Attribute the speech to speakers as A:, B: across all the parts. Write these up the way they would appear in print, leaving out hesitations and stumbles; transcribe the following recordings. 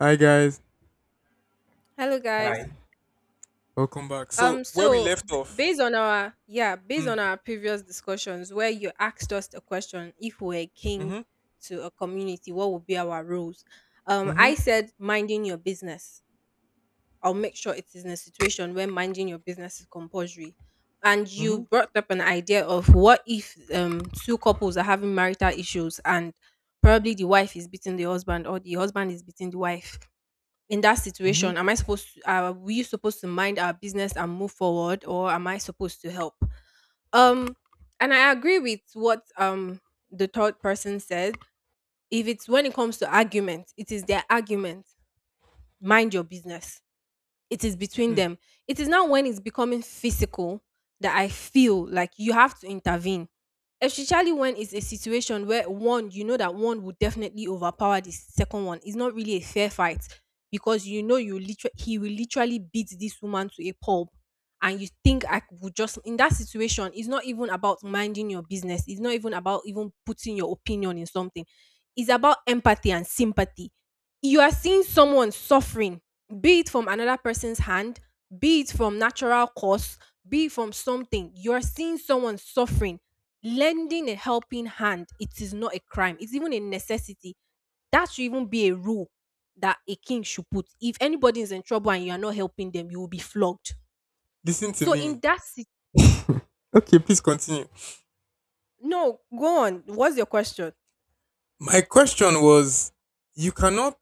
A: Hi guys,
B: Hello guys.
C: Hi.
A: welcome back. So where we left off.
B: Based
A: Mm.
B: on our previous discussions where you asked us the question, if we were a king
A: Mhm.
B: to a community, what would be our roles?
A: Mhm.
B: I said minding your business. I'll make sure it is in a situation where minding your business is compulsory. And you
A: Mhm.
B: brought up an idea of what if two couples are having marital issues and probably the wife is beating the husband or the husband is beating the wife. In that
A: Mhm.
B: situation am I supposed to are we supposed to mind our business and move forward, or am I supposed to help? um and I agree with what the third person said. If it's, when it comes to argument, it is their argument. Mind your business, it is between
A: Mm.
B: them. It is now when it's becoming physical that I feel like you have to intervene, especially when it's a situation where one, you know that one will definitely overpower the second one. It's not really a fair fight, because you know, you literally, he will literally beat this woman to a pulp. And you think I would just, in that situation, it's not even about minding your business, it's not even about even putting your opinion in something. It's about empathy and sympathy. You are seeing someone suffering, be it from another person's hand, be it from natural cause, be it from something. You're seeing someone suffering. Lending a helping hand, it is not a crime. It's even a necessity. That should even be a rule that a king should put. If anybody is in trouble and you are not helping them, you will be flogged.
A: Listen to
B: So
A: me.
B: in that sit-
A: Okay, please continue.
B: no, go on. What's your question?
A: My question was, you cannot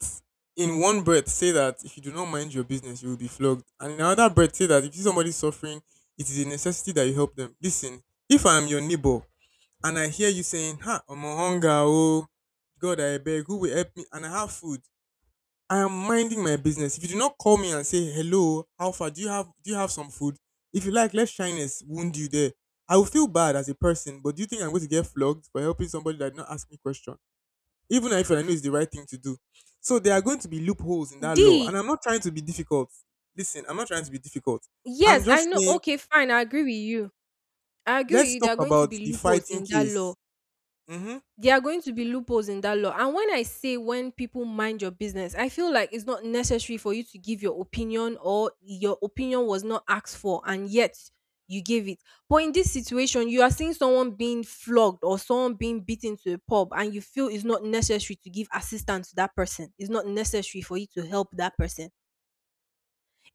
A: in one breath say that if you do not mind your business, you will be flogged, and in another breath say that if you see somebody suffering, it is a necessity that you help them. Listen, if I am your neighbor and I hear you saying, "Ha, I'm on hunger, oh God, I beg, who will help me?" and I have food, I am minding my business. If you do not call me and say, "Hello, how far, do you have some food?" If you like, let shyness wound you there. I will feel bad as a person, but do you think I'm going to get flogged for helping somebody that did not ask me question? Even if I know it's
B: Ah,
A: the right thing to do. So there are going to be loopholes in that law.
B: D,
A: And I'm not trying to be difficult. Listen, I'm not trying to be difficult. I'm
B: yes, I
A: just
B: know.
A: saying,
B: Okay, fine. I agree with you. I agree with
A: let's
B: you. There
A: talk
B: are going to
A: about
B: be
A: the
B: loopholes
A: fighting
B: in that law.
A: case. Mm-hmm.
B: There are going to be loopholes in that law. And when I say when people mind your business, I feel like it's not necessary for you to give your opinion, or your opinion was not asked for and yet you gave it. But in this situation, you are seeing someone being flogged or someone being beaten to a pub, and you feel it's not necessary to give assistance to that person. It's not necessary for you to help that person.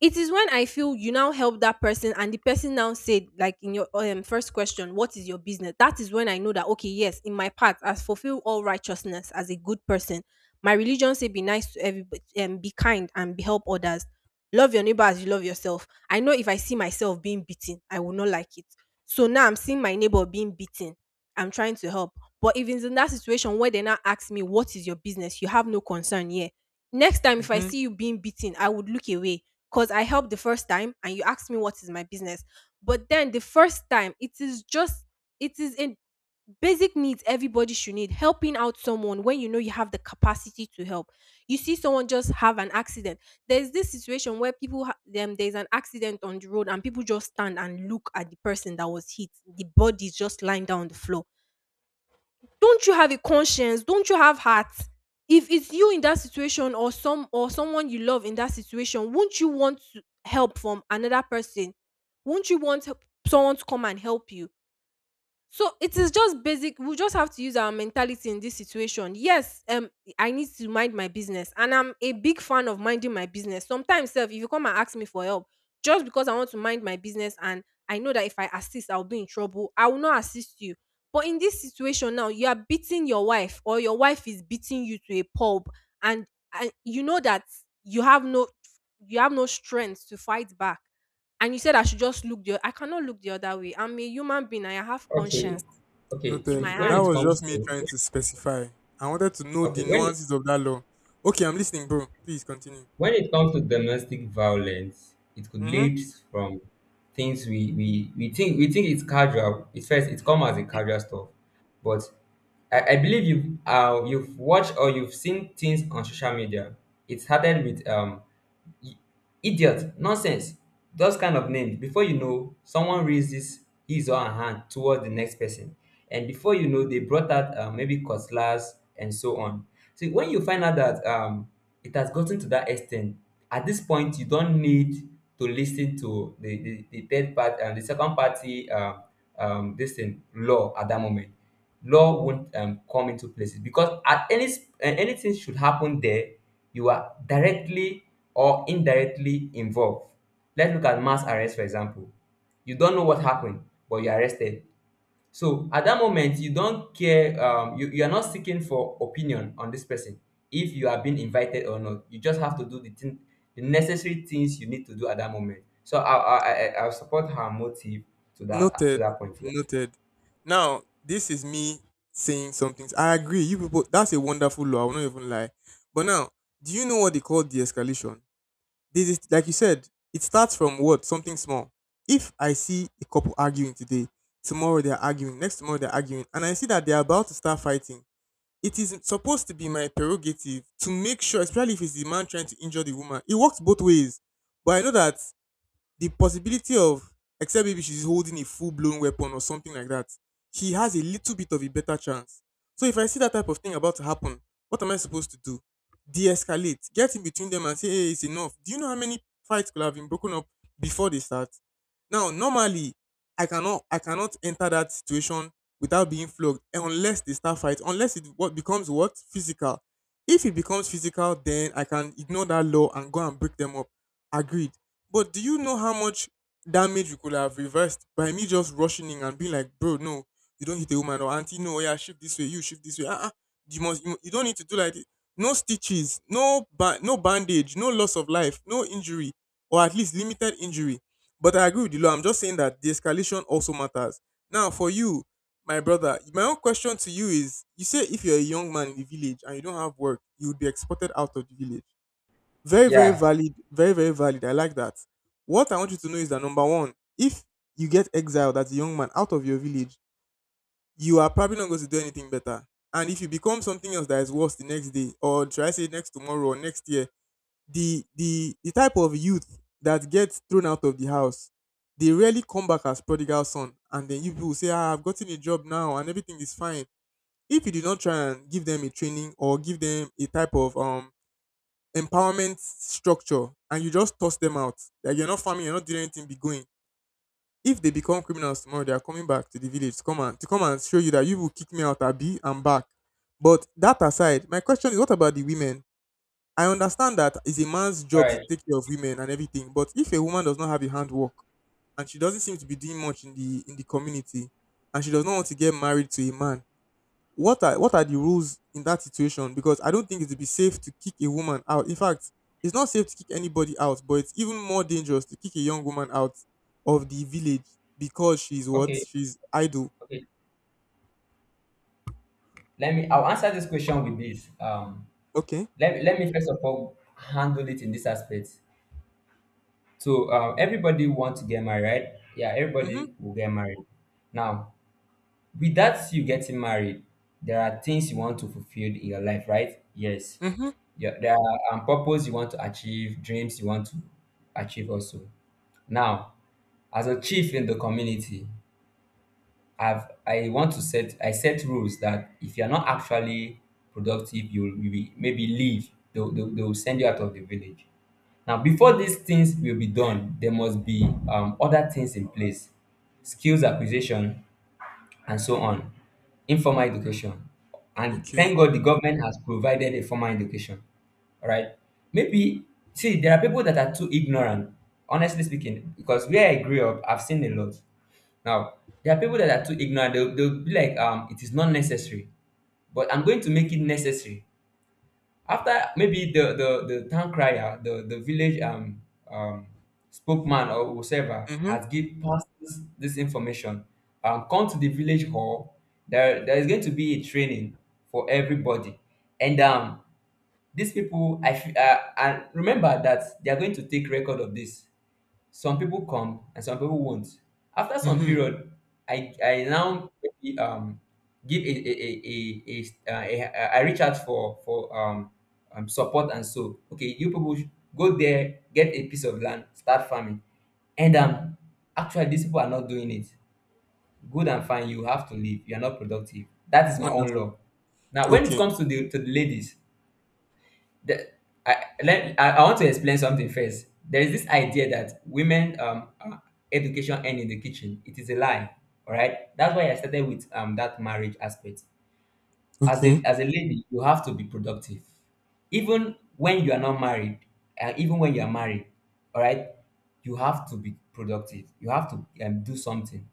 B: It is when I feel you now help that person, and the person now said, like in your first question, what is your business? That is when I know that, okay, yes, in my part, as fulfill all righteousness as a good person. My religion say, be nice to everybody, be kind, and be help others. Love your neighbor as you love yourself. I know if I see myself being beaten, I will not like it. So now I'm seeing my neighbor being beaten. I'm trying to help. But if it's in that situation where they now ask me, what is your business? You have no concern here. Next time, if I
A: Mm-hmm.
B: see you being beaten, I would look away, because I helped the first time and you asked me what is my business. But then the first time, it is just, it is in basic needs. Everybody should need helping out someone when you know you have the capacity to help. You see someone just have an accident. There's this situation where people ha- them there's an accident on the road and people just stand and look at the person that was hit. The body is just lying down on the floor. Don't you have a conscience? Don't you have heart? If it's you in that situation, or some or someone you love in that situation, won't you want to help from another person? Won't you want help- someone to come and help you? So it is just basic. We just have to use our mentality in this situation. Yes, I need to mind my business, and I'm a big fan of minding my business. Sometimes, self, if you come and ask me for help, just because I want to mind my business, and I know that if I assist, I'll be in trouble, I will not assist you. But in this situation now, you are beating your wife, or your wife is beating you to a pulp, and and you know that you have no you have no strength to fight back. And you said I should just look the. I cannot look the other way. I'm a human being. I have
C: Okay.
B: conscience
C: Okay.
B: in
C: See,
A: Noted.
B: my
C: when
B: heart.
A: That
C: it
A: was just
C: comes
A: me
C: to
A: trying to specify. I wanted to know the
C: okay, when
A: nuances of that law. Okay, I'm listening, bro. Please continue.
C: when it comes to domestic violence, it could
A: Mm-hmm.
C: lead from things we think it's casual. It's first it come as a casual stuff, but I believe you've watched or you've seen things on social media. It started with idiot, nonsense, those kind of names before you know someone raises his or her hand towards the next person, and before you know they brought out maybe cutlass and so on. See, when you find out that it has gotten to that extent, at this point you don't need to listen to the third part and the second party. This thing law at that moment, law won't come into places, because at anything should happen there, you are directly or indirectly involved. Let's look at mass arrest, for example. You don't know what happened, but you're arrested. So at that moment you don't care. You are not seeking for opinion on this person. If you are being invited or not, you just have to do the thing, the necessary things you need to do at that moment. So I'll support her motive to that to
A: Noted.
C: that point. Yeah.
A: Noted. Now, this is me saying something. I agree. You people, that's a wonderful law. I will not even lie. But now, do you know what they call de-escalation? This is like you said. It starts from what something small. If I see a couple arguing today, tomorrow they're arguing, next tomorrow they're arguing, and I see that they're about to start fighting. It is supposed to be my prerogative to make sure, especially if it's the man trying to injure the woman. It works both ways. But I know that the possibility of, except maybe she's holding a full blown weapon or something like that, he has a little bit of a better chance. So if I see that type of thing about to happen, what am I supposed to do? De-escalate, get in between them and say, "Hey, it's enough." Do you know how many fights could have been broken up before they start? Now, normally, I cannot enter that situation without being flogged unless they start fight. Unless it what becomes what physical. If it becomes physical, then I can ignore that law and go and break them up. Agreed. But do you know how much damage you could have reversed by me just rushing in and being like, "Bro, no, you don't hit a woman," or, "Auntie, no, yeah, shift this way, you shift this way. Uh-uh. You don't need to do like this." No stitches, no bandage, no loss of life, no injury, or at least limited injury. But I agree with the law. I'm just saying that the escalation also matters. Now, for you, my brother, my own question to you is, you say if you're a young man in the village and you don't have work, you would be exported out of the village. Very, very
C: Yeah.
A: valid. Very, very valid. I like that. What I want you to know is that, number one, if you get exiled as a young man out of your village, you are probably not going to do anything better. And if you become something else that is worse the next day, or should I say next tomorrow or next year, the type of youth that gets thrown out of the house, they rarely come back as prodigal son. And then you people say, "Ah, I've gotten a job now and everything is fine." If you do not try and give them a training or give them a type of empowerment structure and you just toss them out. Like, you're not farming, you're not doing anything, be going. If they become criminals tomorrow, they are coming back to the village to come and show you that you will kick me out. Abi, I'm back. But that aside, my question is, what about the women? I understand that it's a man's
C: All
A: job to
C: right.
A: take care of women and everything, but if a woman does not have a handwork and she doesn't seem to be doing much in the community and she does not want to get married to a man, what are the rules in that situation? Because I don't think it would be safe to kick a woman out. In fact, it's not safe to kick anybody out, but it's even more dangerous to kick a young woman out of the village because she's what
C: Okay.
A: she's idle.
C: Okay. let me I'll answer this question with this. um
A: Okay.
C: let, let me first of all handle it in this aspect. So, everybody wants to get married, right? Yeah,
A: Mhm.
C: everybody will get married. Now, without you getting married, there are things you want to fulfill in your life, right? Yes.
A: Mhm.
C: Yeah, there are purpose you want to achieve, dreams you want to achieve also. Now, as a chief in the community, I want to set rules that if you're not actually productive, you'll maybe leave. They'll send you out of the village. Now, before these things will be done, there must be other things in place. Skills acquisition, and so on. Informal education. And
A: Okay.
C: thank God the government has provided a formal education. All right. Maybe, see, there are people that are too ignorant, honestly speaking, because where I grew up, I've seen a lot. Now, there are people that are too ignorant. They'll be like, it is not necessary. But I'm going to make it necessary after maybe the town crier, the village um spokesman, or whoever
A: Mhm.
C: has give passes this information. Come to the village hall. There is going to be a training for everybody. And these people, I feel, and remember that they are going to take record of this. Some people come and some people won't. After some
A: Mhm.
C: period, I now, maybe, give a, I reach out for support. And so, okay, you people should go there, get a piece of land, start farming. And actually, these people are not doing it good. And fine, you have to leave. You are not productive. That is my own
A: Wonderful.
C: law. Now, when it
A: Okay.
C: comes to the ladies, the, I, let, I want to explain something first. There is this idea that women education end in the kitchen. It is a lie. All right. That's why I started with that marriage aspect. as
A: Okay.
C: a as a lady, you have to be productive even when you are not married and even when you are married. All right, you have to be productive. You have to do something.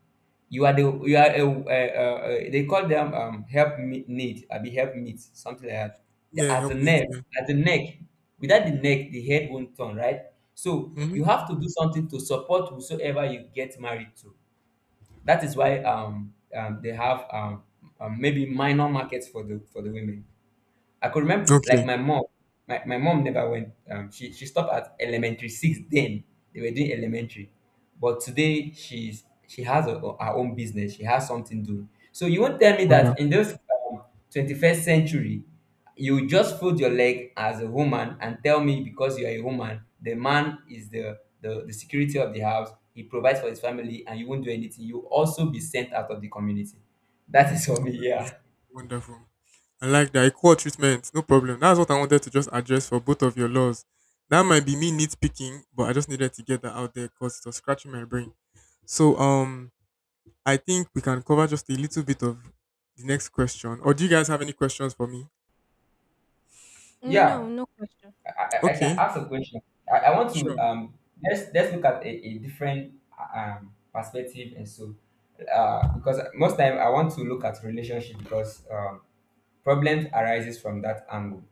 C: You are, they call them, help me, need I be, help meet, something like that.
A: Yeah,
C: At the
A: help me.
C: neck,
A: Yeah.
C: at the neck. Without the neck, the head won't turn, right? So
A: Mhm.
C: you have to do something to support whosoever you get married to. That is why they have maybe minor markets for the women. I could remember,
A: Okay.
C: like my mom, my mom never went. She stopped at elementary six. Then they were doing elementary, but today she has her own business. She has something doing. So you won't tell me that in
A: Wonderful.
C: this 21st century, you just fold your leg as a woman and tell me, because you are a woman, the man is the security of the house. He provides for his family, and you won't do anything. You will also be sent out of the community. That is for me. Yeah.
A: Wonderful. I like that. Equal treatment, no problem. That's what I wanted to just address for both of your laws. That might be me nitpicking, but I just needed to get that out there because it was scratching my brain. So I think we can cover just a little bit of the next question. Or do you guys have any questions for me?
B: No,
C: Yeah.
B: no question.
C: I can
A: Okay,
C: ask a question. I want to
A: sure.
C: let's look at a different perspective. And so, because most time I want to look at relationship, because problems arises from that angle.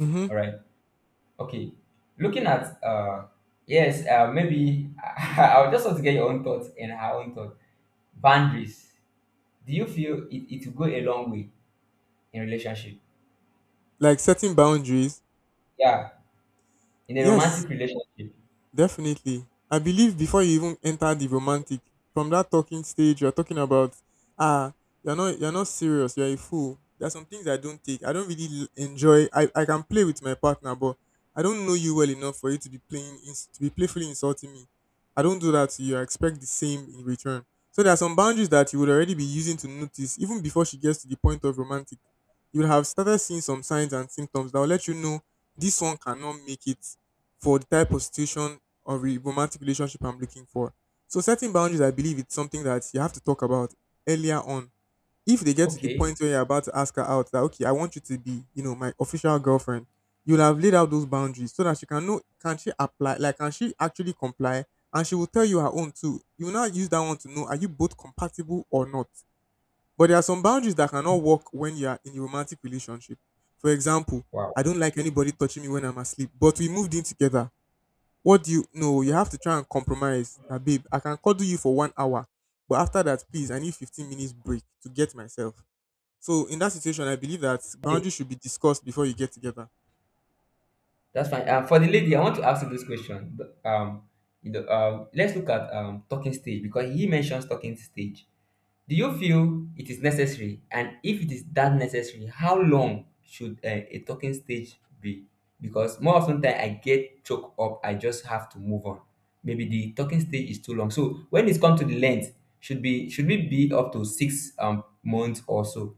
A: Mm-hmm.
C: All right. Okay. Looking at yes, maybe I would just want to get your own thoughts and her own thought. Boundaries. Do you feel it will go a long way in relationship?
A: Like setting boundaries.
C: Yeah, in a
A: Yes,
C: romantic relationship.
A: definitely. I believe before you even enter the romantic, from that talking stage, you're talking about, ah, you're not serious. You're a fool. There are some things I don't take. I don't really enjoy. I can play with my partner, but I don't know you well enough for you to be playing, to be playfully insulting me. I don't do that to you. I expect the same in return. So there are some boundaries that you would already be using to notice, even before she gets to the point of romantic. You would have started seeing some signs and symptoms that will let you know this one cannot make it for the type of situation or a romantic relationship I'm looking for. So setting boundaries, I believe it's something that you have to talk about earlier on. If they get to the
C: Okay.
A: point where you're about to ask her out, that, okay, I want you to be, you know, my official girlfriend, you'll have laid out those boundaries so that she can know, can she apply, like can she actually comply, and she will tell you her own too. You will now use that one to know are you both compatible or not. But there are some boundaries that cannot work when you are in a romantic relationship. For example,
C: Wow.
A: I don't like anybody touching me when I'm asleep, but we moved in together. What do you No, you have to try and compromise that, babe. I can cuddle you for 1 hour, but after that, please, I need 15 minutes break to get myself. So in that situation, I believe that boundaries should be discussed before you get together.
C: That's fine. For the lady, I want to ask you this question. Let's look at talking stage, because he mentions talking stage. Do you feel it is necessary, and if it is that necessary, how long should a talking stage be? Because more often than I get choked up, I just have to move on. Maybe the talking stage is too long. So when it's come to the length, should we be up to 6 months or so?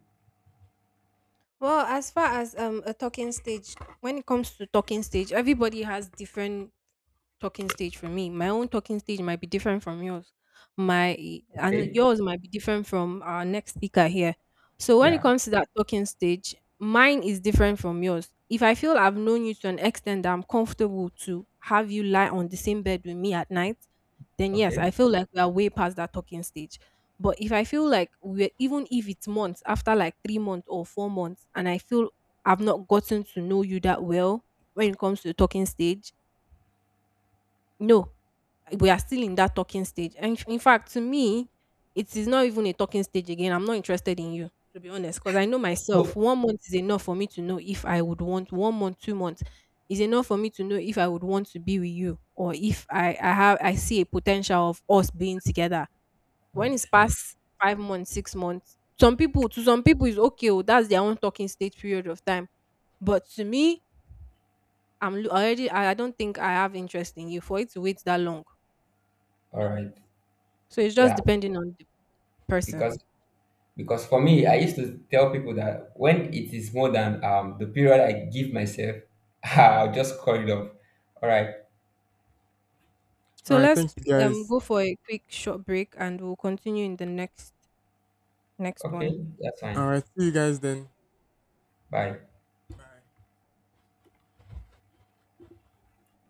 B: Well, as far as a talking stage, when it comes to talking stage, everybody has different talking stage. For me, my own talking stage might be different from yours. My And
C: Okay.
B: yours might be different from our next speaker here. So when it
C: Yeah.
B: comes to that talking stage, mine is different from yours. If I feel I've known you to an extent that I'm comfortable to have you lie on the same bed with me at night, then yes, I
C: Okay.
B: feel like we are way past that talking stage. But if I feel like we're, even if it's months after, like 3 months or 4 months, and I feel I've not gotten to know you that well when it comes to the talking stage, no, we are still in that talking stage. And in fact, to me, it is not even a talking stage again. I'm not interested in you, to be honest, because I know myself.
C: So
B: 1 month is enough for me to know if I would want, 1 month, 2 months is enough for me to know if I would want to be with you, or if I, I have, I see a potential of us being together. When it's
C: okay.
B: past 5 months, 6 months, some people, to some people is okay, oh, that's their own talking stage period of time. But to me, already I don't think I have interest in you for it to wait that long.
C: All
B: No.
C: right.
B: So it's just
C: Yeah.
B: depending on the person.
C: Because Because for me, I used to tell people that when it is more than the period I give myself, I'll just call it off. All right.
A: All
B: So
A: right,
B: let's
A: thank you guys.
B: go for a quick short break and we'll continue in the next one.
C: Okay. That's
A: All
C: fine.
A: right, see you guys then.
C: Bye.
A: Bye.